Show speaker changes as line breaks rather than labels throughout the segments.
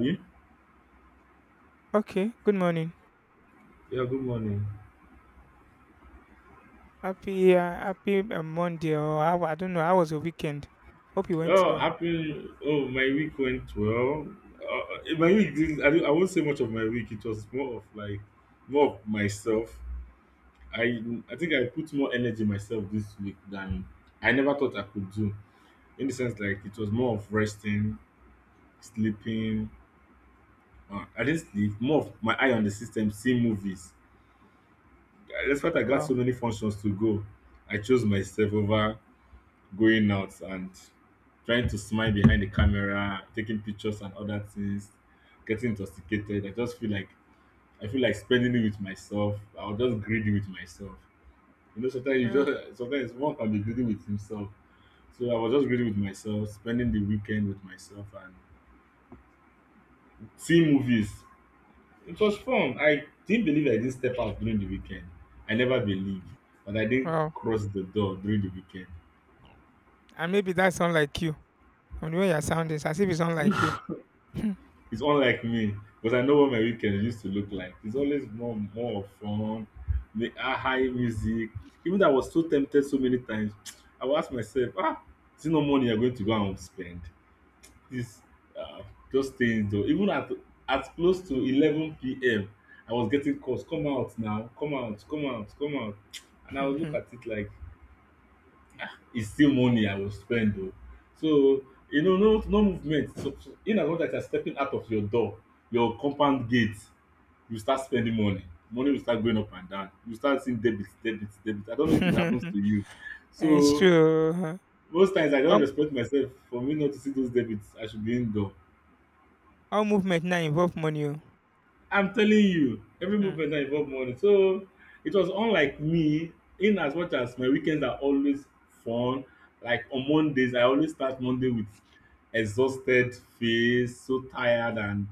Yeah,
Okay, good morning.
yeah, good morning.
Happy Monday or how, I don't know, how was your weekend? Hope you went
Oh,
well.
happy. Oh, my week went well. My week, I won't say much of my week. It was more of like, more of myself. I, I think I put more energy myself this week than I never thought I could do. In the sense, like it was more of resting, sleeping. I didn't sleep. More of my eye on the system, seeing movies. That's why I got
Well,
so many functions to go. I chose myself over going out and trying to smile behind the camera, taking pictures and other things, getting intoxicated. I just feel like spending it with myself. I was just greedy with myself. You know, sometimes you
uh,
just sometimes one can be greedy with himself. So I was just greedy with myself, spending the weekend with myself and seeing movies. It was fun. I didn't believe I didn't step out during the weekend. I never believed, but I didn't
well,
cross the door during the weekend.
and maybe that sound like you. And the way your sound is, as if it sound like you.
He's unlike me, but I know what my weekend used to look like. It's always more of fun, the high music. Even though I was so tempted so many times, I would ask myself, is it no money you're going to go and spend? This uh, just stay indoor. Even at close to 11 p.m., I was getting calls, come out now, come out, come out, come out. And I would look at it like is still money I will spend o. So no movement so in as much as you are stepping out of your door, your compound gate, you start spending money. Money will start going up and down. You start seeing debit debit debit. I don't know if it happens to you.
It's
So
true. Huh?
most times I just
All,
respect myself for me not to see those debits. I should be indoor.
all movement now involve money. Oh.
I'm telling you, every movement now involve money. So it was unlike me, in as much as my weekends are always fun. Like on Mondays, I always start Monday with exhausted face, so tired, and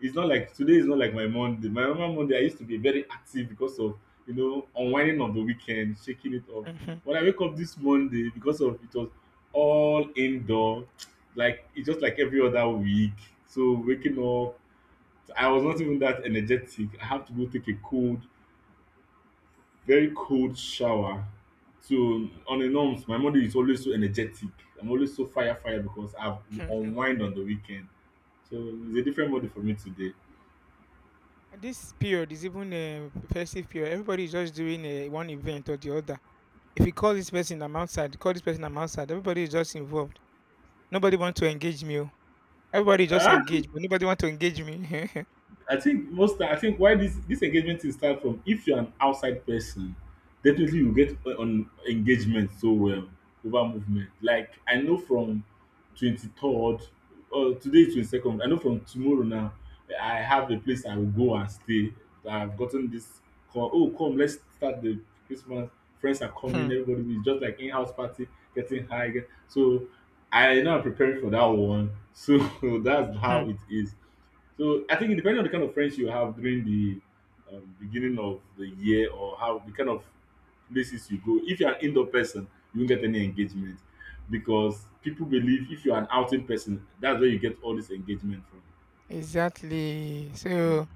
it's not like today is not like my Monday. My normal Monday, I used to be very active because of unwinding of the weekend, shaking it off. When I wake up this Monday, because of it was all indoor, like it's just like every other week. So waking up I was not even that energetic. I have to go take a cold, very cold shower. So on a norms, my Monday is always so energetic. I'm always so fire fire because I've
Hmm, mhm, hmm.
unwind on the weekend. So it's a different Monday for me today.
This period is even a festive period. Everybody is just doing a one event or the other. If you call this person, I'm outside. Call this person, I'm outside. Everybody is just involved. Nobody wants to engage me. Oh. Everybody just engage, but nobody want to engage me.
I think why this engagement is start from, if you're an outside person, definitely you get on engagement so well over movement. Like I know from 23rd, or today is 22nd. I know from tomorrow now I have a place I will go and stay. I've gotten this call. Oh come, let's start the Christmas. Friends are coming.
Hmm,
Everybody is just like in house party getting high. So I know I'm preparing for that one. So that's
hmm.
how it is. So I think depending on the kind of friends you have during the beginning of the year, or how the kind of places you go, if you're an indoor person, you won't get any engagement because people believe if you're an outing person, that's where you get all this engagement from.
Exactly. So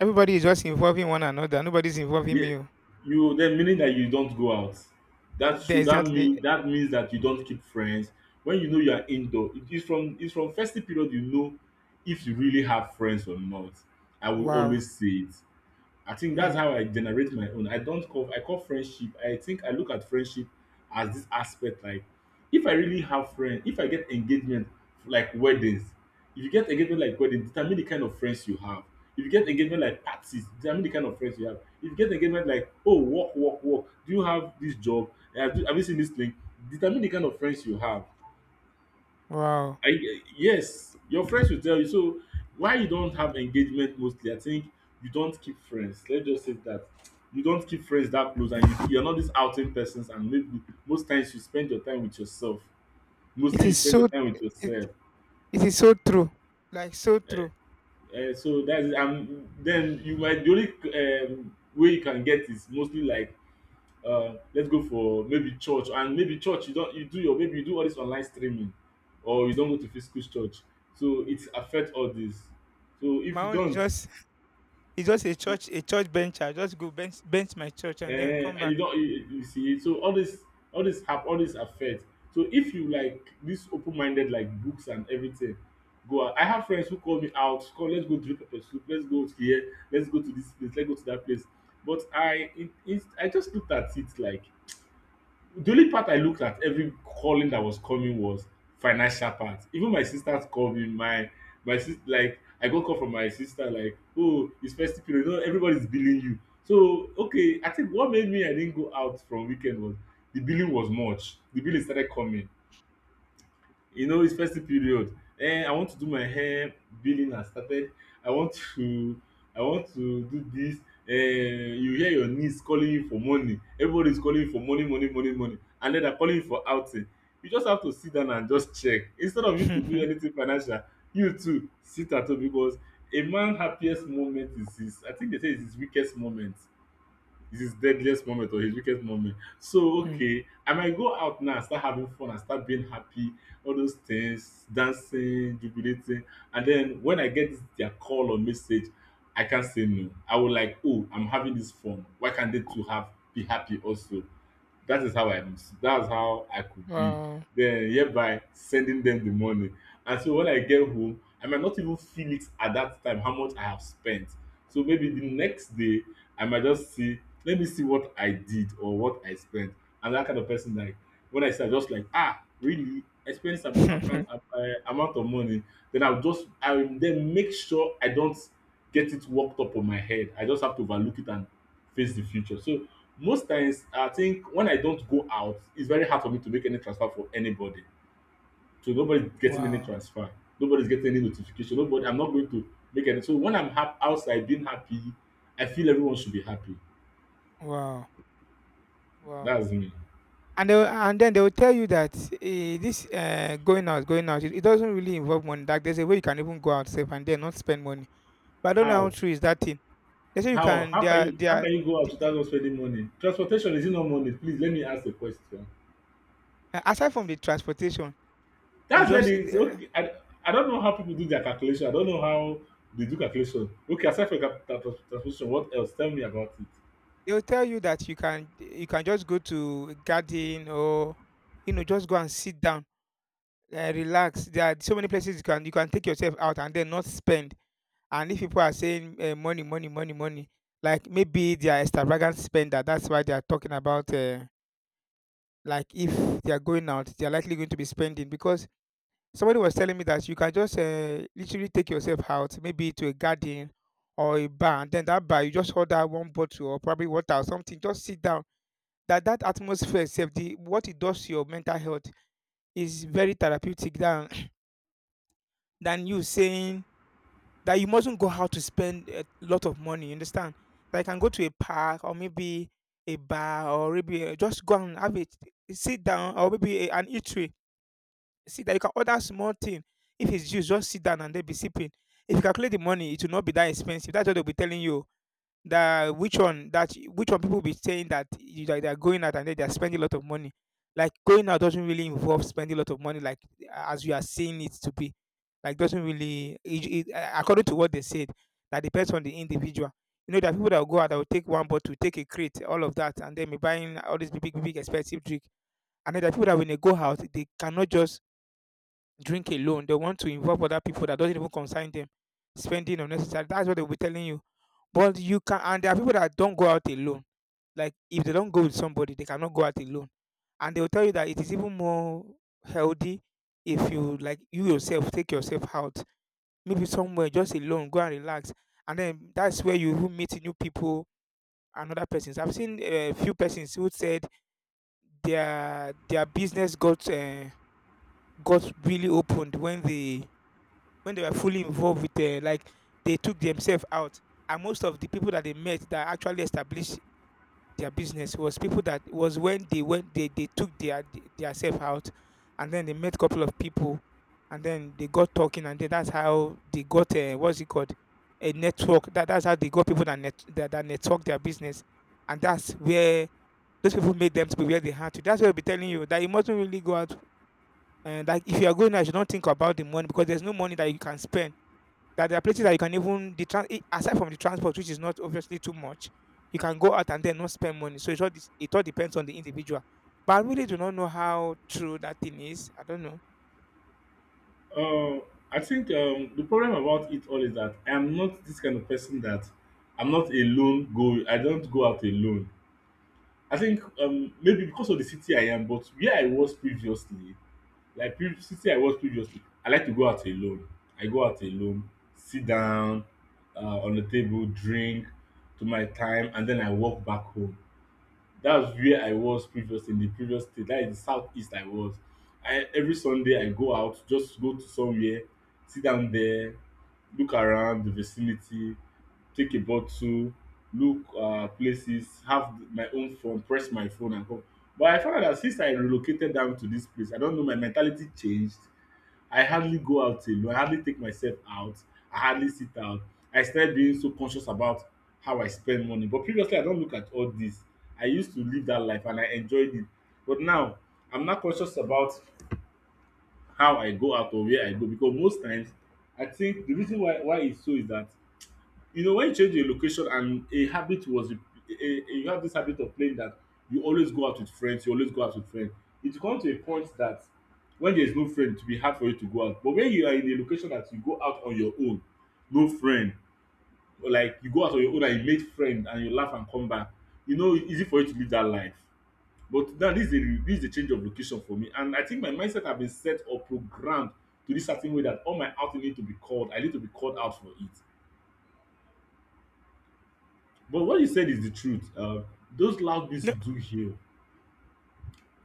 everybody is just involving one another. Nobody's involving
Yeah,
me. Oh.
you then meaning that you don't go out. That should that
Exactly.
mean, that means that you don't keep friends. When you know you are indoor, it is from it's from festive period you know if you really have friends or not. I will
Wow.
always say it. I think that's
Hmm.
how I generate my own. I don't call I call friendship. I think I look at friendship as this aspect like, if I really have friends, if I get engagement like weddings, if you get engagement like weddings, determine the kind of friends you have. If you get engagement like parties, determine the kind of friends you have. If you get engagement like, oh, work, work, work, do you have this job? Have you seen this thing? Determine the kind of friends you have.
Wow.
I, yes, your friends will tell you. So why you don't have engagement mostly, I think you don't keep friends. Let's just say that you don't keep friends that close, and you're not these outing persons. And maybe most times you spend your time with yourself.
It
Mostly you
is
spend
so.
your time with
It,
yourself.
it is so true. Like so true.
So that's it. And then you might the only way you can get is mostly like, let's go for maybe church, and maybe church, you don't you do your, maybe you do all this online streaming, or you don't go to physical church, so it affect all this. So if
My
you
own is
don't,
just it's just a church bench. I just go bench my church and then come back.
you see, so all this, have all this affect. So if you like this, open minded like books and everything, go out. I have friends who call me out, come let's go drink pepper soup, let's go here, let's go to this place, let's go to that place. But I just looked at it like, the only part I looked at every calling that was coming was financial part. Even my sisters called me. My sister, like I got call from my sister like, oh, it's festive period. You know, everybody's billing you. So okay, I think what made me I didn't go out from weekend was the billing was much. The billing started coming, it's festive period. I want to do my hair, billing has started. I want to i want to do this. You hear your niece calling you for money, everybody is calling you for money, money, money, money, and then they're calling you for outing. You just have to sit down and just check. Instead of you to do anything financial, you too sit at home, because a man happiest moment is his, I think they say is his weakest moment. It's his deadliest moment or his weakest moment.
Hmm,
So
hmm,
okay, I might go out now and start having fun and start being happy, all those things, dancing, jubilating. And then when I get their call or message, I can't say no. I will like, oh, I'm having this fun. Why can't they too have be happy also? That is how I that's how I could
hmm.
be.
Wow.
Then hereby sending them the money. And so when I get home, I might not even feel it at that time how much I have spent. So maybe the next day I might just see, let me see what I did or what I spent. And that kind of person, like when I say, I just like, really I spent some account amount of money, then I will then make sure I don't get it worked up on my head. I just have to overlook it and face the future. So most times I think when I don't go out, it's very hard for me to make any transfer for anybody. So nobody's getting any
Wow.
transfer. Nobody's getting any notification. Nobody. I'm not going to make any. So when I'm outside being happy, I feel everyone should be happy.
Wow. Wow.
That's me.
And then they will tell you that this going out, it doesn't really involve money. Like there's a way you can even go out safe and then not spend money. But I don't know how
How?
true is that thing. They say you can. They are. They
How
are.
can you go out
the-
without not spending money? Transportation, is it not money? Please let me ask a question.
aside from the transportation, you
That's where
just
they say, okay. I don't know how people do their calculation. I don't know how they do calculation. Okay, aside from transportation, what else? Tell me about it.
they will tell you that you can just go to a garden or just go and sit down, relax. There are so many places you can take yourself out and then not spend. And if people are saying money, money, money, money, like maybe they are extravagant spender. That's why they are talking about like if they are going out, they are likely going to be spending because somebody was telling me that you can just literally take yourself out, maybe to a garden or a bar, and then that bar you just order one bottle or probably water or something, just sit down. That atmosphere, itself, the what it does to your mental health is very therapeutic than than you saying that you mustn't go out to spend a lot of money. You understand? Like, I can go to a park or maybe a bar or maybe just go and have it, sit down or maybe an eatery. See that you can order small thing. If it's juice, just sit down and they be sipping. If you calculate the money, it will not be that expensive. That's what they'll be telling you. That which one people be saying that they're going out and then they're spending a lot of money. Like going out doesn't really involve spending a lot of money, like as you are seeing it to be. Like doesn't really it, according to what they said. That depends on the individual. You know, there are people that will go out that will take one bottle, take a crate, all of that, and then be buying all these big, big, big expensive drink. And then there are people that when they go out, they cannot just drink alone. They want to involve other people that doesn't even concern them spending unnecessary. That's what they'll be telling you but you can and there are people that don't go out alone. Like if they don't go with somebody, they cannot go out alone. And they will tell you that it is even more healthy if you like you yourself take yourself out, maybe somewhere just alone, go and relax. And then that's where you will meet new people and other persons. I've seen a few persons who said their business got really opened when they were fully involved with like they took themselves out. And most of the people that they met that actually established their business. It was people that it was when they went they took their self out and then they met a couple of people and then they got talking and then that's how they got a what's it called a network. That's how they got people that that network their business and that's where those people made them to be where they had to. That's why I'll be telling you that you mustn't really go out and like if you are going out, you don't think about the money because there's no money that you can spend that there are places that you can even aside from the transport, which is not obviously too much, you can go out and then not spend money. So it all depends on the individual. But I really do not know how true that thing is. I don't know.
Um, I think, the problem about it all is that I am not this kind of person that, I'm not a lone go. I don't go out alone. I think, maybe because of the city I am, but where I was previously, like previous city I was previously, I like to go out alone. I go out alone, sit down on the table, drink to my time, and then I walk back home, that's where I was previously, in the previous state. That is the southeast I was. I, every Sunday I go out, just go to somewhere, sit down there, look around the vicinity, take a bottle, look places, have my own phone, press my phone and come. But I found out that since I relocated down to this place, I don't know, my mentality changed. I hardly go out alone. I hardly take myself out. I hardly sit out. I started being so conscious about how I spend money. But previously, I don't look at all this. I used to live that life and I enjoyed it. But now, I'm not conscious about how I go out or where I go because most times, I think the reason why it's so is that. You know, when you change a location and a habit was you have this habit of playing that you always go out with friends, you always go out with friends. It come to a point that when there is no friend, it will be hard for you to go out. But when you are in a location that you go out on your own, no friend, or like you go out on your own and you make friend and you laugh and come back, you know, it's easy for you to live that life. But now this is a change of location for me. And I think my mindset have been set or programmed to this certain way that all my outing need to be called. I need to be called out for it. But what you said is the truth. Those loud
No,
music do heal.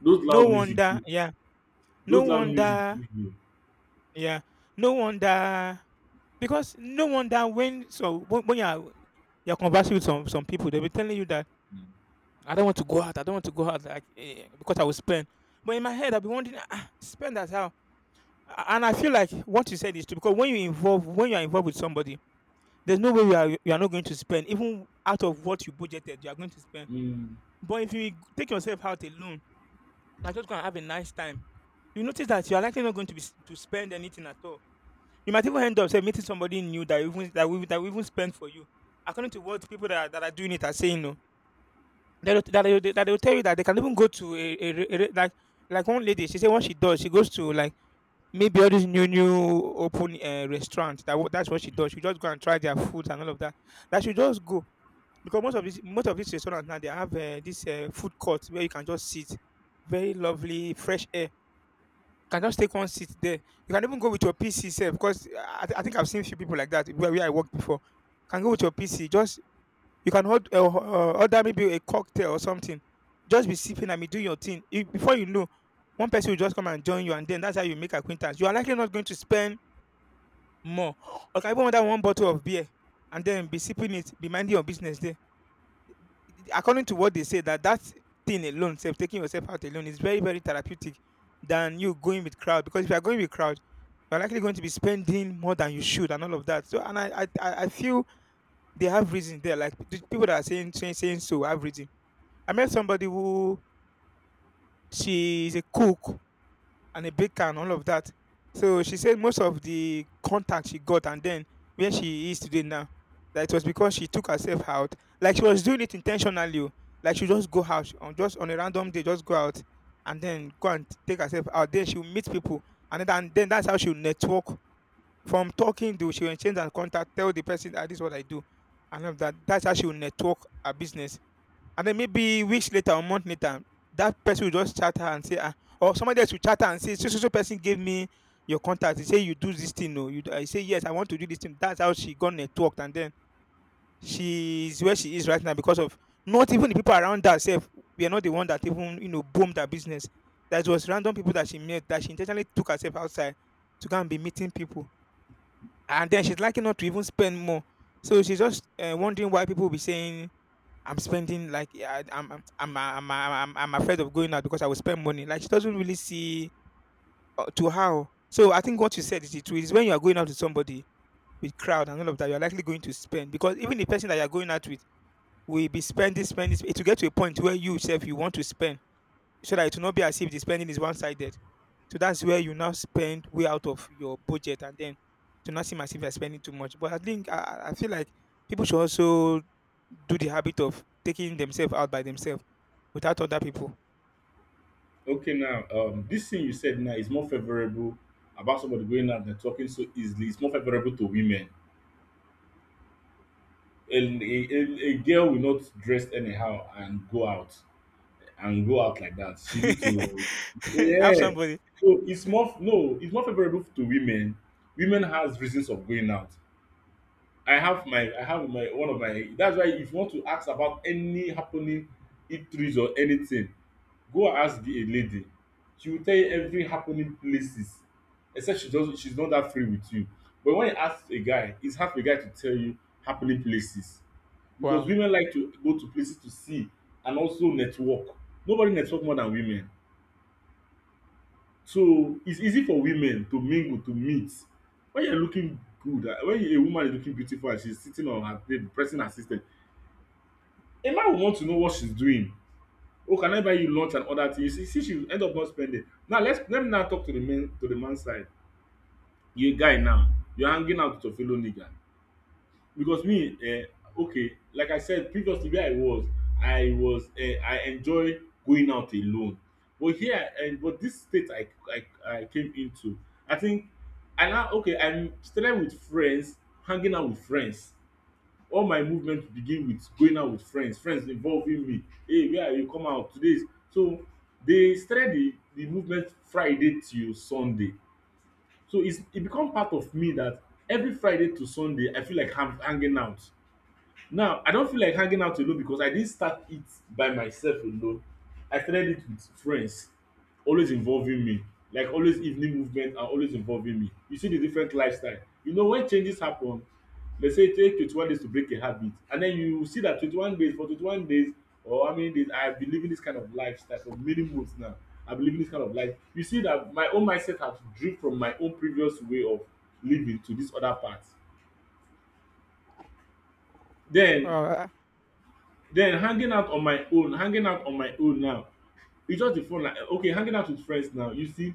Those
no
loud music
wonder.
do.
Yeah, no
Those loud music
wonder.
do heal.
Yeah, no wonder. Because no wonder when you are you're conversing with some people, they'll be telling you that I don't want to go out like because I will spend. But in my head, I'll be wondering, ah, spend as how? And I feel like what you said is true because when you are involved with somebody, there's no way you are not going to spend even out of what you budgeted you are going to spend.
Mm.
But if you take yourself out alone, and just go and have a nice time, you notice that you are likely not going to be to spend anything at all. You might even end up say meeting somebody new that you even that we even spend for you. According to what people that are doing it are saying, no, they will tell you that they can even go to like one lady. She said what she does, she goes to like maybe all these new open restaurant that's what she does. She just go and try their food and all of that. That she just go because most of these restaurants now they have this food court where you can just sit, very lovely fresh air. You can just take one seat there. You can even go with your PC self because I think I've seen few people like that where I worked before. Can go with your PC. Just you can order maybe a cocktail or something. Just be sipping and be doing your thing. If, before you know, one person will just come and join you, and then that's how you make acquaintance. You are likely not going to spend more. Or can even order one bottle of beer and then be sipping it, be minding your business there. According to what they say, that that thing alone, self taking yourself out alone, is very very therapeutic than you going with crowd. Because if you are going with crowd, you're likely going to be spending more than you should and all of that. So and I feel they have reason there. Like the people that are saying so have reason. I met somebody who she's a cook and a baker and all of that. So she said most of the contact she got and then where she is today now, that it was because she took herself out. Like she was doing it intentionally. Oh. Like she just go out on just on a random day, just go out and then go and take herself out. Then she'll meet people and then that's how she'll network. From talking to she'll exchange and contact, tell the person that this is what I do and all of that. That's how she'll network her business. And then maybe weeks later or month later, that person will just chat her and say, ah, or somebody else will chat her and say, so so so person gave me your contact. He say you do this thing, no? You do, I say yes, I want to do this thing. That's how she got networked, and then she's where she is right now because of not even the people around herself. We are not the one that even boomed her business. That was random people that she met that she intentionally took herself outside to go and be meeting people, and then she's likely not to even spend more. So she's just wondering why people will be saying I'm spending like yeah, I'm afraid of going out because I will spend money. Like she doesn't really see to how. So I think what you said is the truth. Is when you are going out with somebody with crowd and all of that, you are likely going to spend because even the person that you are going out with will be spending, spending. It will get to a point where you yourself you want to spend so that it will not be as if the spending is one sided. So that's where you now spend way out of your budget and then to not seem as if you're spending too much. But I think I feel like people should also do the habit of taking themselves out by themselves without other people.
Okay, now this thing you said now is more favorable about somebody going out and talking so easily. It's more favorable to women. And a girl will not dress anyhow and go out like that. She need to,
Have
yeah.
somebody.
So it's more no, it's more favorable to women. Women has reasons of going out. I have my one of my that's why if you want to ask about any happening eateries or anything, go and ask the a lady. She will tell you every happening places, except she doesn't, she's not that free with you. But when you ask a guy, it's hard for a guy to tell you happening places, because
Wow.
women like to go to places to see and also network. Nobody network more than women, so it's easy for women to mingle, to meet. When you're looking good, when a woman is looking beautiful and she's sitting on her bed pressing her system, Emma will want to know what she's doing. Oh, can I buy you lunch and other things? See, she will end up not spending. Now, let me now talk to the men, to the man's side. You guy now, you're hanging out with your fellow nigga. Because me, okay, like I said previously where I was, I was I enjoy going out alone. But here, and but this state I came into, I think I now okay, I'm started with friends, hanging out with friends. All my movement begin with going out with friends, friends involving me, hey, where are you, come out today, is so. They started the movement, Friday till Sunday. So it's it become part of me that every Friday to Sunday, I feel like I'm hanging out. Now I don feel like hanging out alone, because I didn't start it by myself alone. I started it with friends always involving me, like always evening movement and always involving me. You see the different lifestyle. You know when changes happen, dey say e take 21 days to break a habit, and den you see dat 21 days for 21 days, or how many days I have been living dis kind of lifestyle for many months now. I been living dis kind of life. You see dat my own mindset has drift from my own previous way of living to dis other part. Den
Wow.
Then, hanging out on my own now, it's just the fun. Like okay, hanging out with friends now, you see,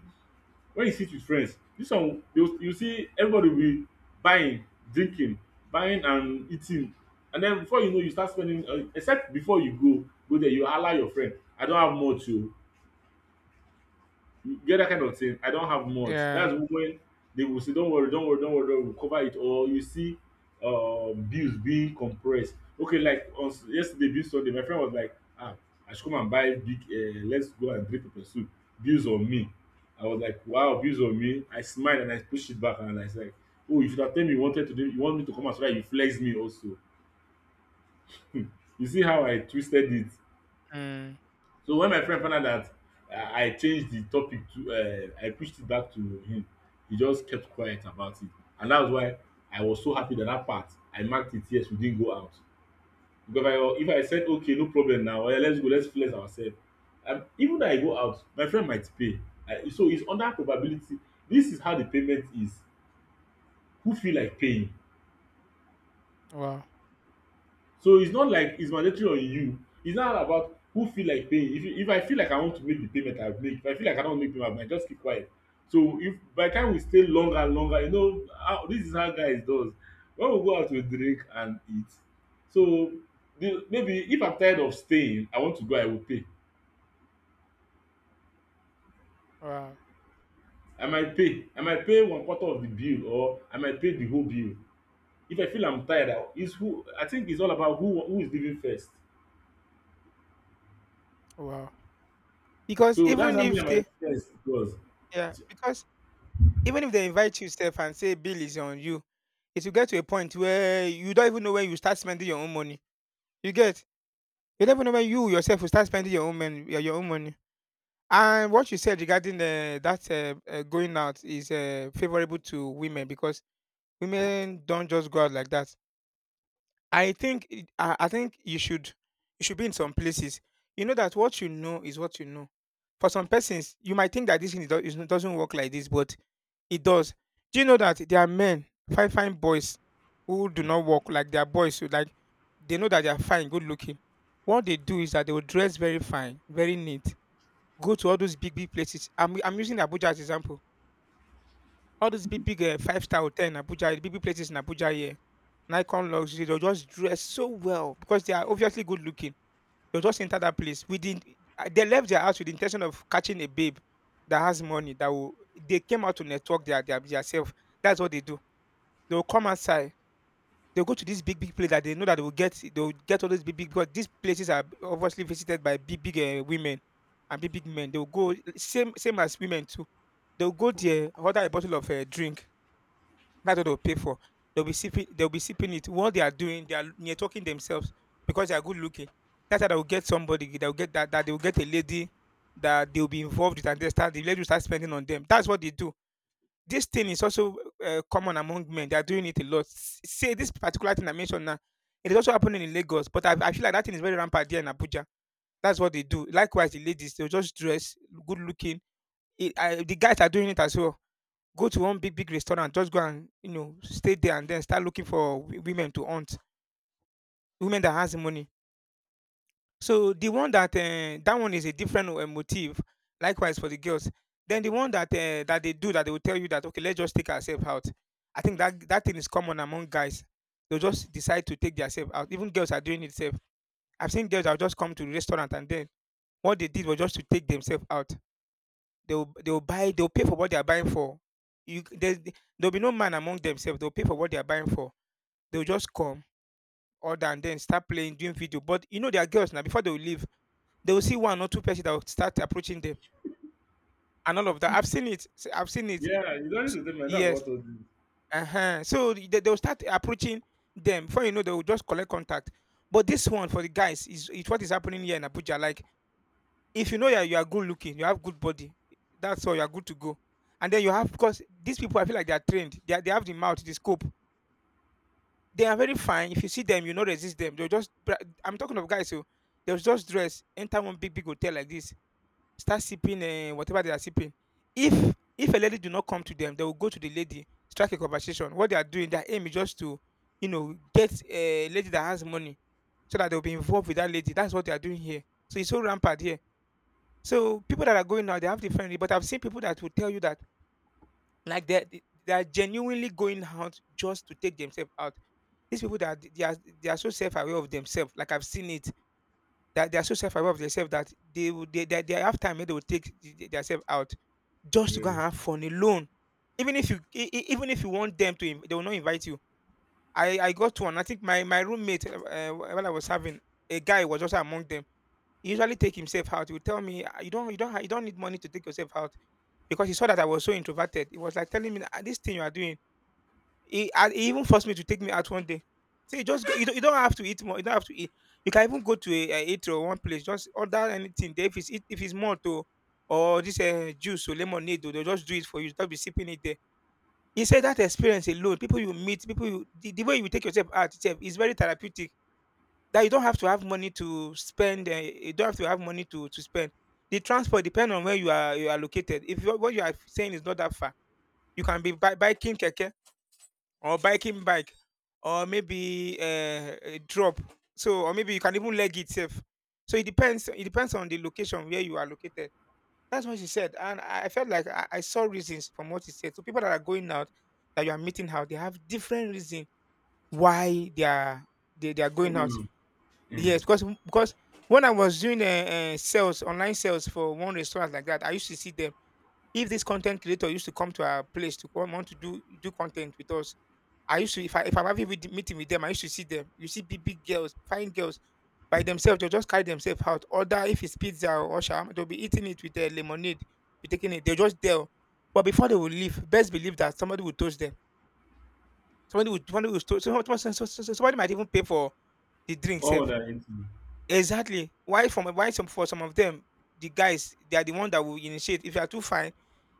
when you sit with friends, this one, you see everybody will be buying, drinking, buying and eating. And then before you know, you start spending, except before you go there, you hala your friend, "I don have much oo." You get that kind of thing. "I don't have much."
Yeah.
That's when they will say, "Don't worry, don't worry, don't worry, don't worry, we'll cover it." Or you see, bills being compressed. Okay, like on yesterday, bill Sunday, my friend was like, "Ah, I should come and buy big. Let's go and drink pepper soup. Bills on me." I was like, "Wow, bills on me." I smiled and I pushed it back and I said, "Oh, you should have told me you wanted to do. You want me to come as well. You flex me also." You see how I twisted it.
Mm.
So when my friend found out that I changed the topic to, I pushed it back to him, he just kept quiet about it. And that's why I was so happy that that part I marked it yes, we didn't go out. Because if I if I said okay, no problem, na oya, let's flex ourself, even though I go out, my friend might pay. I, so it's under probability. This is how the payment is. Who feel like paying?
Wow.
So it's not like it's mandatory on you. It's not about who feel like paying. If I feel like I want to make the payment, I'll make. If I feel like I don't make payment, I might just keep quiet. So if by the time we stay longer and longer, you know, how, this is how guys does. When we go out, we drink and eat. So maybe if I'm tired of staying, I want to go, I will pay.
Wow.
I might pay. I might pay one quarter of the bill, or I might pay the whole bill. If I feel I'm tired, it's who, I think it's all about who is leaving first.
Wow. Because
So that's
even
how me
if
and my
they
friends it was.
Yeah, because even if they invite you sef and say bill is on you, it will get to a point where you don't even know when you start spending your own money. You get? You don't even know when you yourself will start spending your own money. Your own money. And what you said regarding that going out is favorable to women because women don't just go out like that. I think you should be in some places. You know that what you know is what you know. For some persons, you might think that this thing is doesn't work like this, but it does. Do you know that there are men, fine fine boys, who do not work like their boys who like they know that they are fine, good looking. What they do is that they will dress very fine, very neat, go to all those big big places. I'm using Abuja as example. All those big big five-star hotel in Abuja, the big big places in Abuja here Nikon luxury, they'll just dress so well because they are obviously good looking. They'll just enter that place with they left their house with the intention of catching a babe that has money that will they came out to network their their self. That's what they do. They'll come outside. They'll go to this big big place that they know that they'll get all those big big because these places are obviously visited by big big women and big big men. They'll go same same as women too. They'll go there, order a bottle of drink that's what they'll pay for. They'll be sipping. They'll be sipping it. What they are doing, they are near talking themselves because they are good looking. That's how they will get somebody. They will get that. That they will get a lady that they will be involved with, and they start. The lady will start spending on them. That's what they do. This thing is also common among men. They are doing it a lot. Say this particular thing I mentioned now. It is also happening in Lagos, but I feel like that thing is very rampant there in Abuja. That's what they do. Likewise, the ladies they'll just dress good looking. The guys are doing it as well, go to one big big restaurant, just go and you know stay there and then start looking for women to hunt, women that has money. So the one that that one is a different motive, likewise for the girls. Then the one that that they do, that they will tell you that okay let's just take ourselves out, I think that that thing is common among guys. They'll just decide to take themselves out. Even girls are doing it self. I've seen girls that will just come to the restaurant and then what they did was just to take themselves out. They'll buy. They'll pay for what they are buying for. There's there'll be no man among themselves. They'll pay for what they are buying for. They'll just come order and then start playing, doing video. But you know there are girls now. Before they will leave, they will see one or two persons that will start approaching them and all of that. I've seen it. I've seen it.
Yeah, you don't
S-
need to tell me. I know
Yes.
about all this.
Uh-huh. So they'll start approaching them. Before you know, they will just collect contact. But this one for the guys is what is happening here in Abuja. Like if you know you are good looking, you have good body, that's all, you're good to go. And then you have, because these people, I feel like they are trained. They have the mouth, the scope. They are very fine. If you see them, you know resist them. I'm talking of guys who, they'll just dress, enter one big, big hotel like this, start sipping whatever they are sipping. If a lady do not come to them, they will go to the lady, strike a conversation. What they are doing, their aim is just to, you know, get a lady that has money so that they'll be involved with that lady. That's what they are doing here. So it's so rampant here, so people that are going out, they have different. But I've seen people that will tell you that like they are genuinely going out just to take themselves out. These people that they are so self aware of themselves. Like I've seen it that they are so self aware of themselves that they have time and they will take themselves out just to go
Yeah,
and have fun alone. Even if you even if you want them to, they will not invite you. I got one. I think my roommate while I was having, a guy was also among them. He usually take himself out. He would tell me, "Ah, you don't you don't need money to take yourself out because he saw that I was so introverted. He was like telling me, "Ah, This thing you are doing." And he even forced me to take me out one day. So you just go, you don't have to eat more. You don't have to eat. You can even go to a eatery or one place. Just order anything. There. If it's if it's more to or this juice or lemonade, they'll just do it for you. Just be sipping it there. He said that experience alone, people you meet, people you the way you take yourself out itself is very therapeutic. That you don't have to have money to spend. You don't have to have money to spend. The transport depend on where you are located. If you, what you are saying is not that far, you can be biking keke or biking bike or maybe a drop. So or maybe you can even leg itself. So it depends. It depends on the location where you are located. That's what she said, and I felt like I saw reasons from what she said. So people that are going out that you are meeting out, they have different reasons why they are going
coming
out.
on. Mm.
Yes, because when I was doing sales, online sales for one restaurant like that, I used to see them. If this content creator used to come to our place to come want to do content with us, I used to if I if I'm having with, meeting with them, I used to see them. You see big big girls, fine girls by themselves. They'll just carry themselves out. Order if it's pizza or sham, they'll be eating it with their lemonade, be taking it. They'll just there. But before they will leave, best believe that somebody will toast them. Somebody will toast. Somebody might even pay for the drink
All
safe.
that into.
Exactly. Why from why some for some of them, the guys they are the one that will initiate. If you are too fine,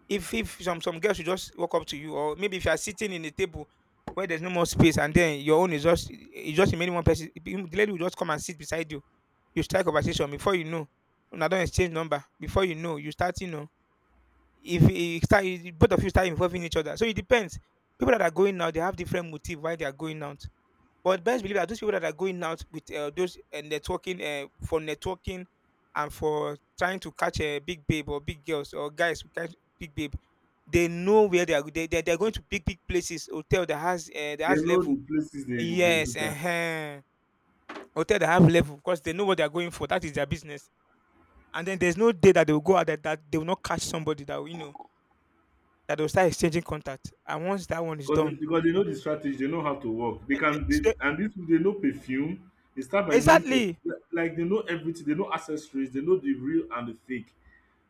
if some girls will just walk up to you, or maybe if you are sitting in a table where there's no more space, and then your own is just it's just remaining one person, the lady will just come and sit beside you. You start conversation before you know. Una don exchange number before you know. You start you know if you start e, both of you start involving each other. So it depends. People that are going out, they have different motive why they are going out. But best believe that those people that are going out with those networking for networking and for trying to catch a big babe or big girls or guys who catch big babe, they know where they are. They are going to big big places, hotel that
They
has
know
level.
the places they, do
Yes,
that.
hotel that have level because they know what they are going for. That is their business. And then there's no day that they will go out that they will not catch somebody that will, that they will start exchanging contact. And once that one is
Because they,
done,
because they know the strategy, they know how to work. They can,
it's
they
the-
and this, they know perfume. They start by knowing
exactly,
perfume. Like they know everything, they know accessories, they know the real and the fake.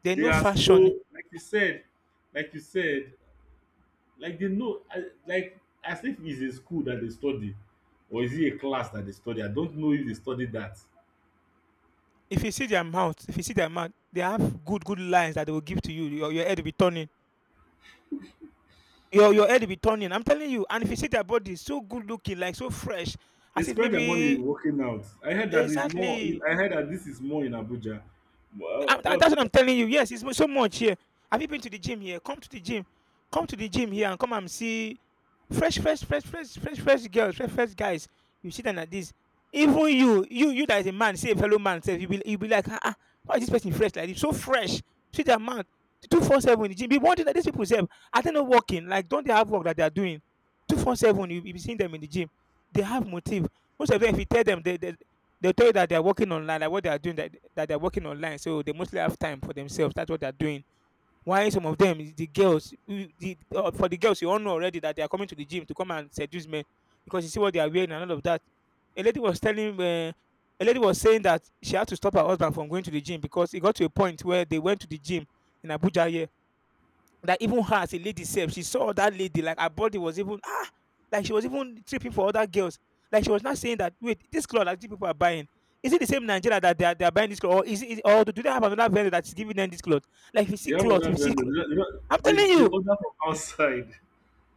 they
They
know
are so,
fashion.
like you said, like you said, like they know like, as if it's a school that they study, or is it a class that they study? I don't know if they study that.
If you see their mouth, if you see their mouth, they have good, good lines that they will give to you. Your head will be turning. Your head will be turning. I'm telling you. And if you see their body, so good looking, like so fresh,
They
as if
spend their money
maybe,
working out. I heard that is more.
exactly.
I heard that this is more in Abuja. Well,
That's
but
what I'm telling you. Yes, it's so much here. Have you been to the gym here? Come to the gym. Come to the gym here and come and see fresh, fresh, fresh, fresh, fresh, fresh girls, fresh, fresh guys. You see them like this. Even you that is a man, say a fellow man, say you be like, ah, ah, why is this person fresh like this? So fresh. See their mouth. 24/7 in the gym. Be wondering that these people say, are they not working? Like, don't they have work that they are doing? 24/7. You be seeing them in the gym. They have motive. Most of them, if you tell them, they'll tell you that they're working online, like what they are doing, that they're working online. So they mostly have time for themselves. That's what they're doing. Why some of them, the girls, for the girls, you all know already that they are coming to the gym to come and seduce men because you see what they are wearing and all of that. A lady was telling uh, a lady was saying that she had to stop her husband from going to the gym because it got to a point where they went to the gym in Abuja here, that even her as a lady sef, she saw that lady, like her body was even ah! Like she was even tripping for other girls. Like she was not saying that wait, this cloth that these people are buying, is it the same Nigeria that they are buying this cloth, or is it is- or do they have another vendor that's giving them this cloth? Like if you see
they have
cloth, if
other
you see
vendors.
cloth,
They, don't-
I'm
they,
telling
don't- they
you,
order from outside.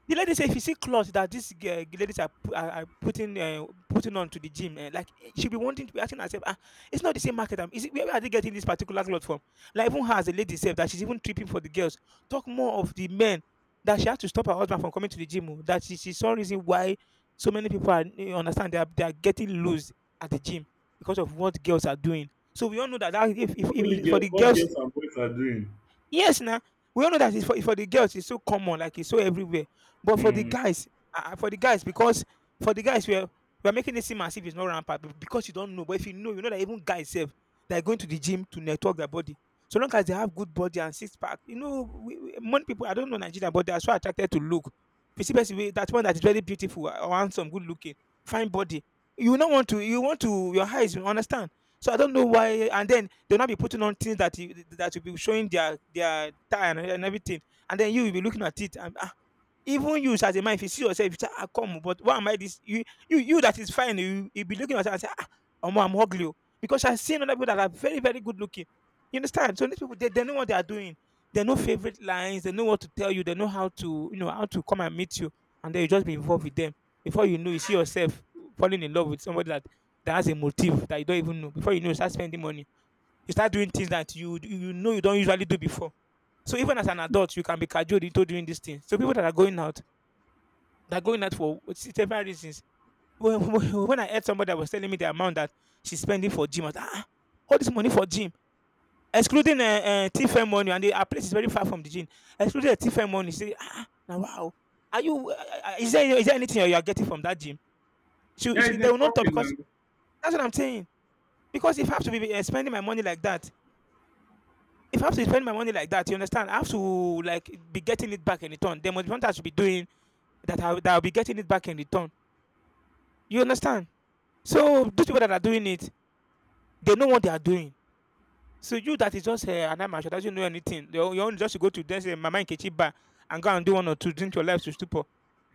the lady say if you see clothes that these girl ladies are putting on to the gym, like she'll be wanting to be asking herself, "Ah, it's not the same market. I'm, is it, where are they getting this particular cloth from?" Like even her as a lady said that she's even tripping for the girls. Talk more of the men, that she had to stop her husband from coming to the gym. Oh, that she saw reason why so many people are understand they are getting loose at the gym because of what girls are doing. So we all know that if, if,
Not
if,
only
if for
girls,
the
what
girls.
girls and boys are doing.
Yes now, we all know that it's for the girls, it's so common, like it's so everywhere. But for the
Hmm.
guys, ah ah, for the guys, because for the guys we are making it seem as if it's not rampant be because you don't know. But if you know, you know that even guys sef, they are going to the gym to network their body. So long as they have good body and six pack, you know we many people I don't know Nigeria but they are so attracted to look. If you see person wey that one that is very beautiful, or handsome, good looking, fine body, you will not want to you want to your eyes you understand. So I don't know why, and then they'll not be putting on things that you, that will be showing their tie and everything, and then you will be looking at it and ah, even you as a man, if you see yourself, you say, ah, come, but why am I this? You that is fine, you be looking at yourself and say, ah, omo, I'm ugly, oh." Because I've seen other people that are very very good looking. You understand? So these people, they know what they are doing. They know favorite lines. They know what to tell you. They know how to come and meet you, and then you just be involved with them. Before you know, you see yourself falling in love with somebody that has a motive that you don't even know. Before you know, you start spending money. You start doing things that you don't usually do before. So even as an adult, you can be cajoled into doing these things. So people that are going out, they're going out for what- several reasons. When I heard somebody that was telling me the amount that she's spending for gym, I was like, ah, all this money for gym, excluding TFM money, and our place is very far from the gym, excluding the TFM money. Say, ah, now wow, are you? Is there anything you are getting from that gym?
Yeah, it's
They will not talk
networking
because
now.
that's what I'm saying. Because if I have to be spending my money like that, if I have to spend my money like that, you understand, I have to like be getting it back in return. There must be something I should be doing that I'll be getting it back in return. You understand? So those people that are doing it, they know what they are doing. So you that is just an amateur doesn't know anything. You your own just go to this Mama Nkechi bar and go and do one or two, drink your life to stupor.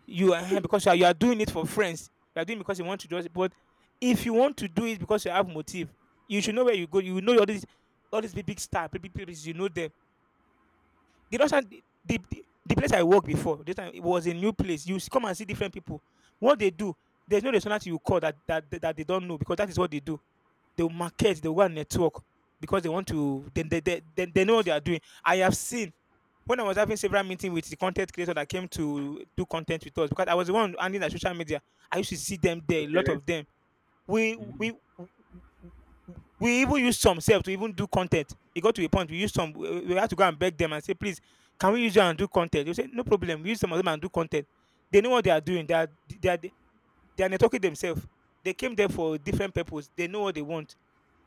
You Because you are doing it for friends. You are doing it because you want to do it. But if you want to do it because you have motive, you should know where you go. You know all these big big star, big big people. You know them. The last time the place I worked before, this time it was a new place. Come and see different people. What they do, there's no restaurant you call that they don't know because that is what they do. They will market, they will go and network because they want to. Then they know what they are doing. I have seen when I was having several meetings with the content creator that came to do content with us because I was the one handling the social media. I used to see them there, a lot
Okay.
of them. We
Mhm.
we we even use some self to even do content. It got to a point we used some. We had to go and beg them and say, please, can we use you and do content? They say, no problem. We use some of them and do content. They know what they are doing. They are networking themselves. They came there for different purpose. They know what they want.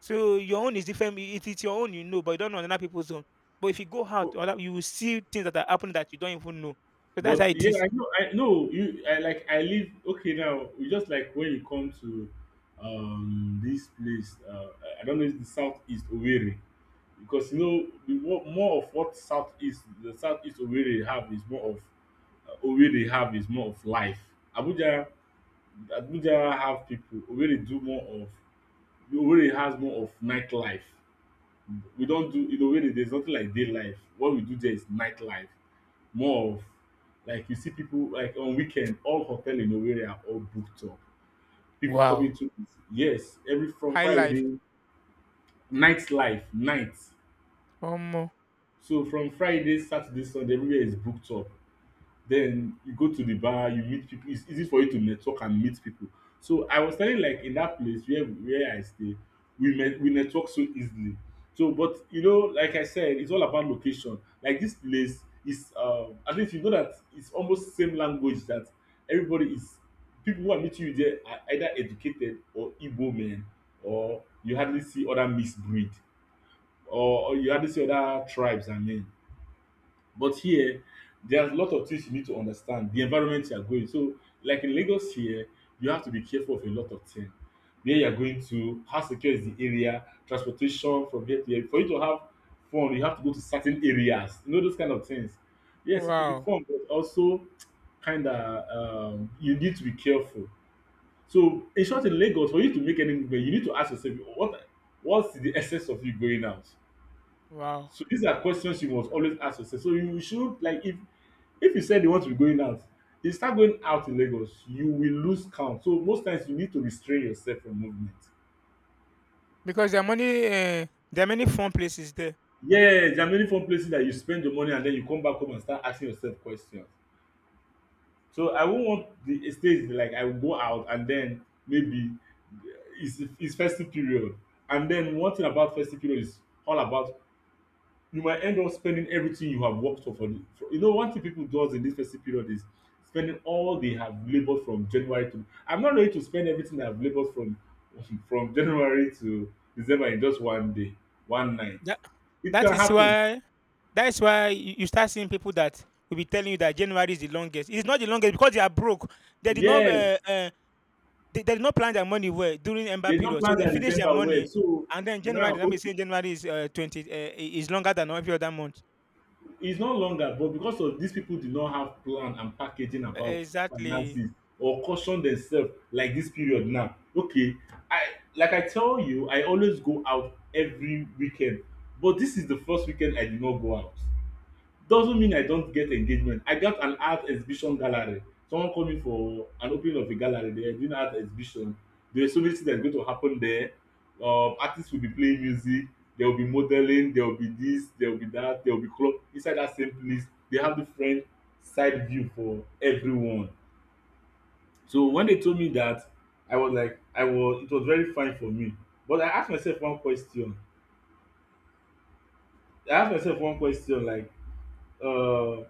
So your own is different. It is your own, you know, but you don't know another people's own. But if you go out,
Oh,
or that you will see things that are happening that you don't even know. So that's how
but
it
yeah,
is.
I know. I know you. I like. I live. Okay, now you just like when you come to, this place. I don't know. It's the southeast Owerri, because you know more of what southeast, the southeast Owerri have is more of, Owerri have is more of life. Abuja Abuja have people. Owerri do more of. Owerri has more of nightlife. We don't do in Owerri, there's nothing like day life. What we do there is nightlife. More of, like you see people like on weekend, all hotel in Owerri are all booked up. People coming
Wow,
to, yes, every, from
high life.
Friday, nightlife, night. So from Friday, Saturday, Sunday, everywhere is booked up. Then you go to the bar, you meet people. It's easy for you to network and meet people. So I was telling you, like in that place where I stay, we met, we network so easily. So but you know, like I said, it's all about location. Like this place is, at least you know that it's almost same language that everybody is, people who are meeting you there are either educated or Igbo men, or you hardly see other mixed breed, or you hardly see other tribes, I mean. But here, there's a lot of things you need to understand, the environment you are going. So like in Lagos here, you have to be careful of a lot of things. Where you are going to, how secure is the area, transportation from here to here. For you to have fun, you have to go to certain areas. You know those kind of things. Yes, it could be
Wow,
fun, but also kind of, you need to be careful. So in short, in Lagos, for you to make any movement, you need to ask yourself, what's the essence of you going out?
wow.
So these are questions you must always ask yourself. So you should, like, if you said you want to be going out, you start going out in Lagos, you will lose count. So most times you need to restrain yourself from movement.
Because there are many fun places there.
Yes, there are many fun places that you spend your money, and then you come back home and start asking yourself questions. So I won't want the stage, like I will go out and then maybe, eh, it's festive period. And then one thing about festive period is, all about, you might end up spending everything you have worked for. One thing people does in this festive period is spending all they have labored from January to. I'm not ready to spend everything I've labored from from January to December in just one day, one night.
That
It
that
can
is
happen.
why that is why you start seeing people that will be telling you that January is the longest. It's not the longest because they are broke. They did not
Yes,
they did not plan their money well during ember
they don't
period, so
plan
they
their
finish their
December well.
money
So
and then January.
now,
Let me
okay,
say January is 20 is longer than every other month.
it's not longer, but because of, these people did not have plan and packaging
E-
about
Exactly,
finances or caution themselves like this period now. Okay, I, like I tell you, I always go out every weekend, but this is the first weekend I did not go out. Doesn't mean I don't get engagement. I got an art exhibition gallery. Someone called me for an opening of a gallery. They are doing art exhibition. There are so many things that are going to happen there. Artists will be playing music. There will be modeling. There will be this. There will be that. There will be club inside that same place. They have different side view for everyone. So when they told me that, I was like, I was, it was very fine for me. But I asked myself one question. I asked myself one question like, uh,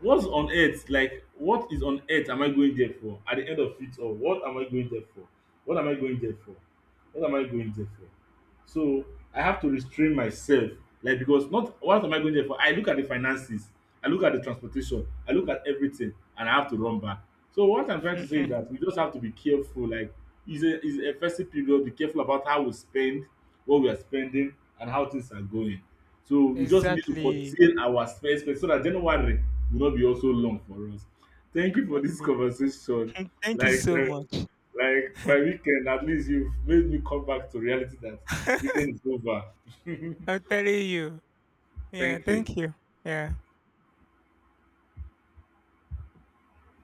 what's on earth, like what is on earth am I going there for, at the end of it all, what am I going there for, what am I going there for, what am I going there for? So I have to restrain myself, like, because not what am I going there for? I look at the finances, I look at the transportation, I look at everything, and I have to run back. So what I'm trying to say is that we just have to be careful. Like, it's a festive period, be careful about how we spend, what we are spending and how things are going. So we just need to
exactly,
contain our spend spend, so that January will not be also long for us. Thank you for this
exactly.
conversation.
Thank you
Like
so
uh,
much.
Like by weekend, at least you've made me come back to reality that weekend is over.
I'm telling you. Yeah,
Thank
thank
you.
you. Yeah.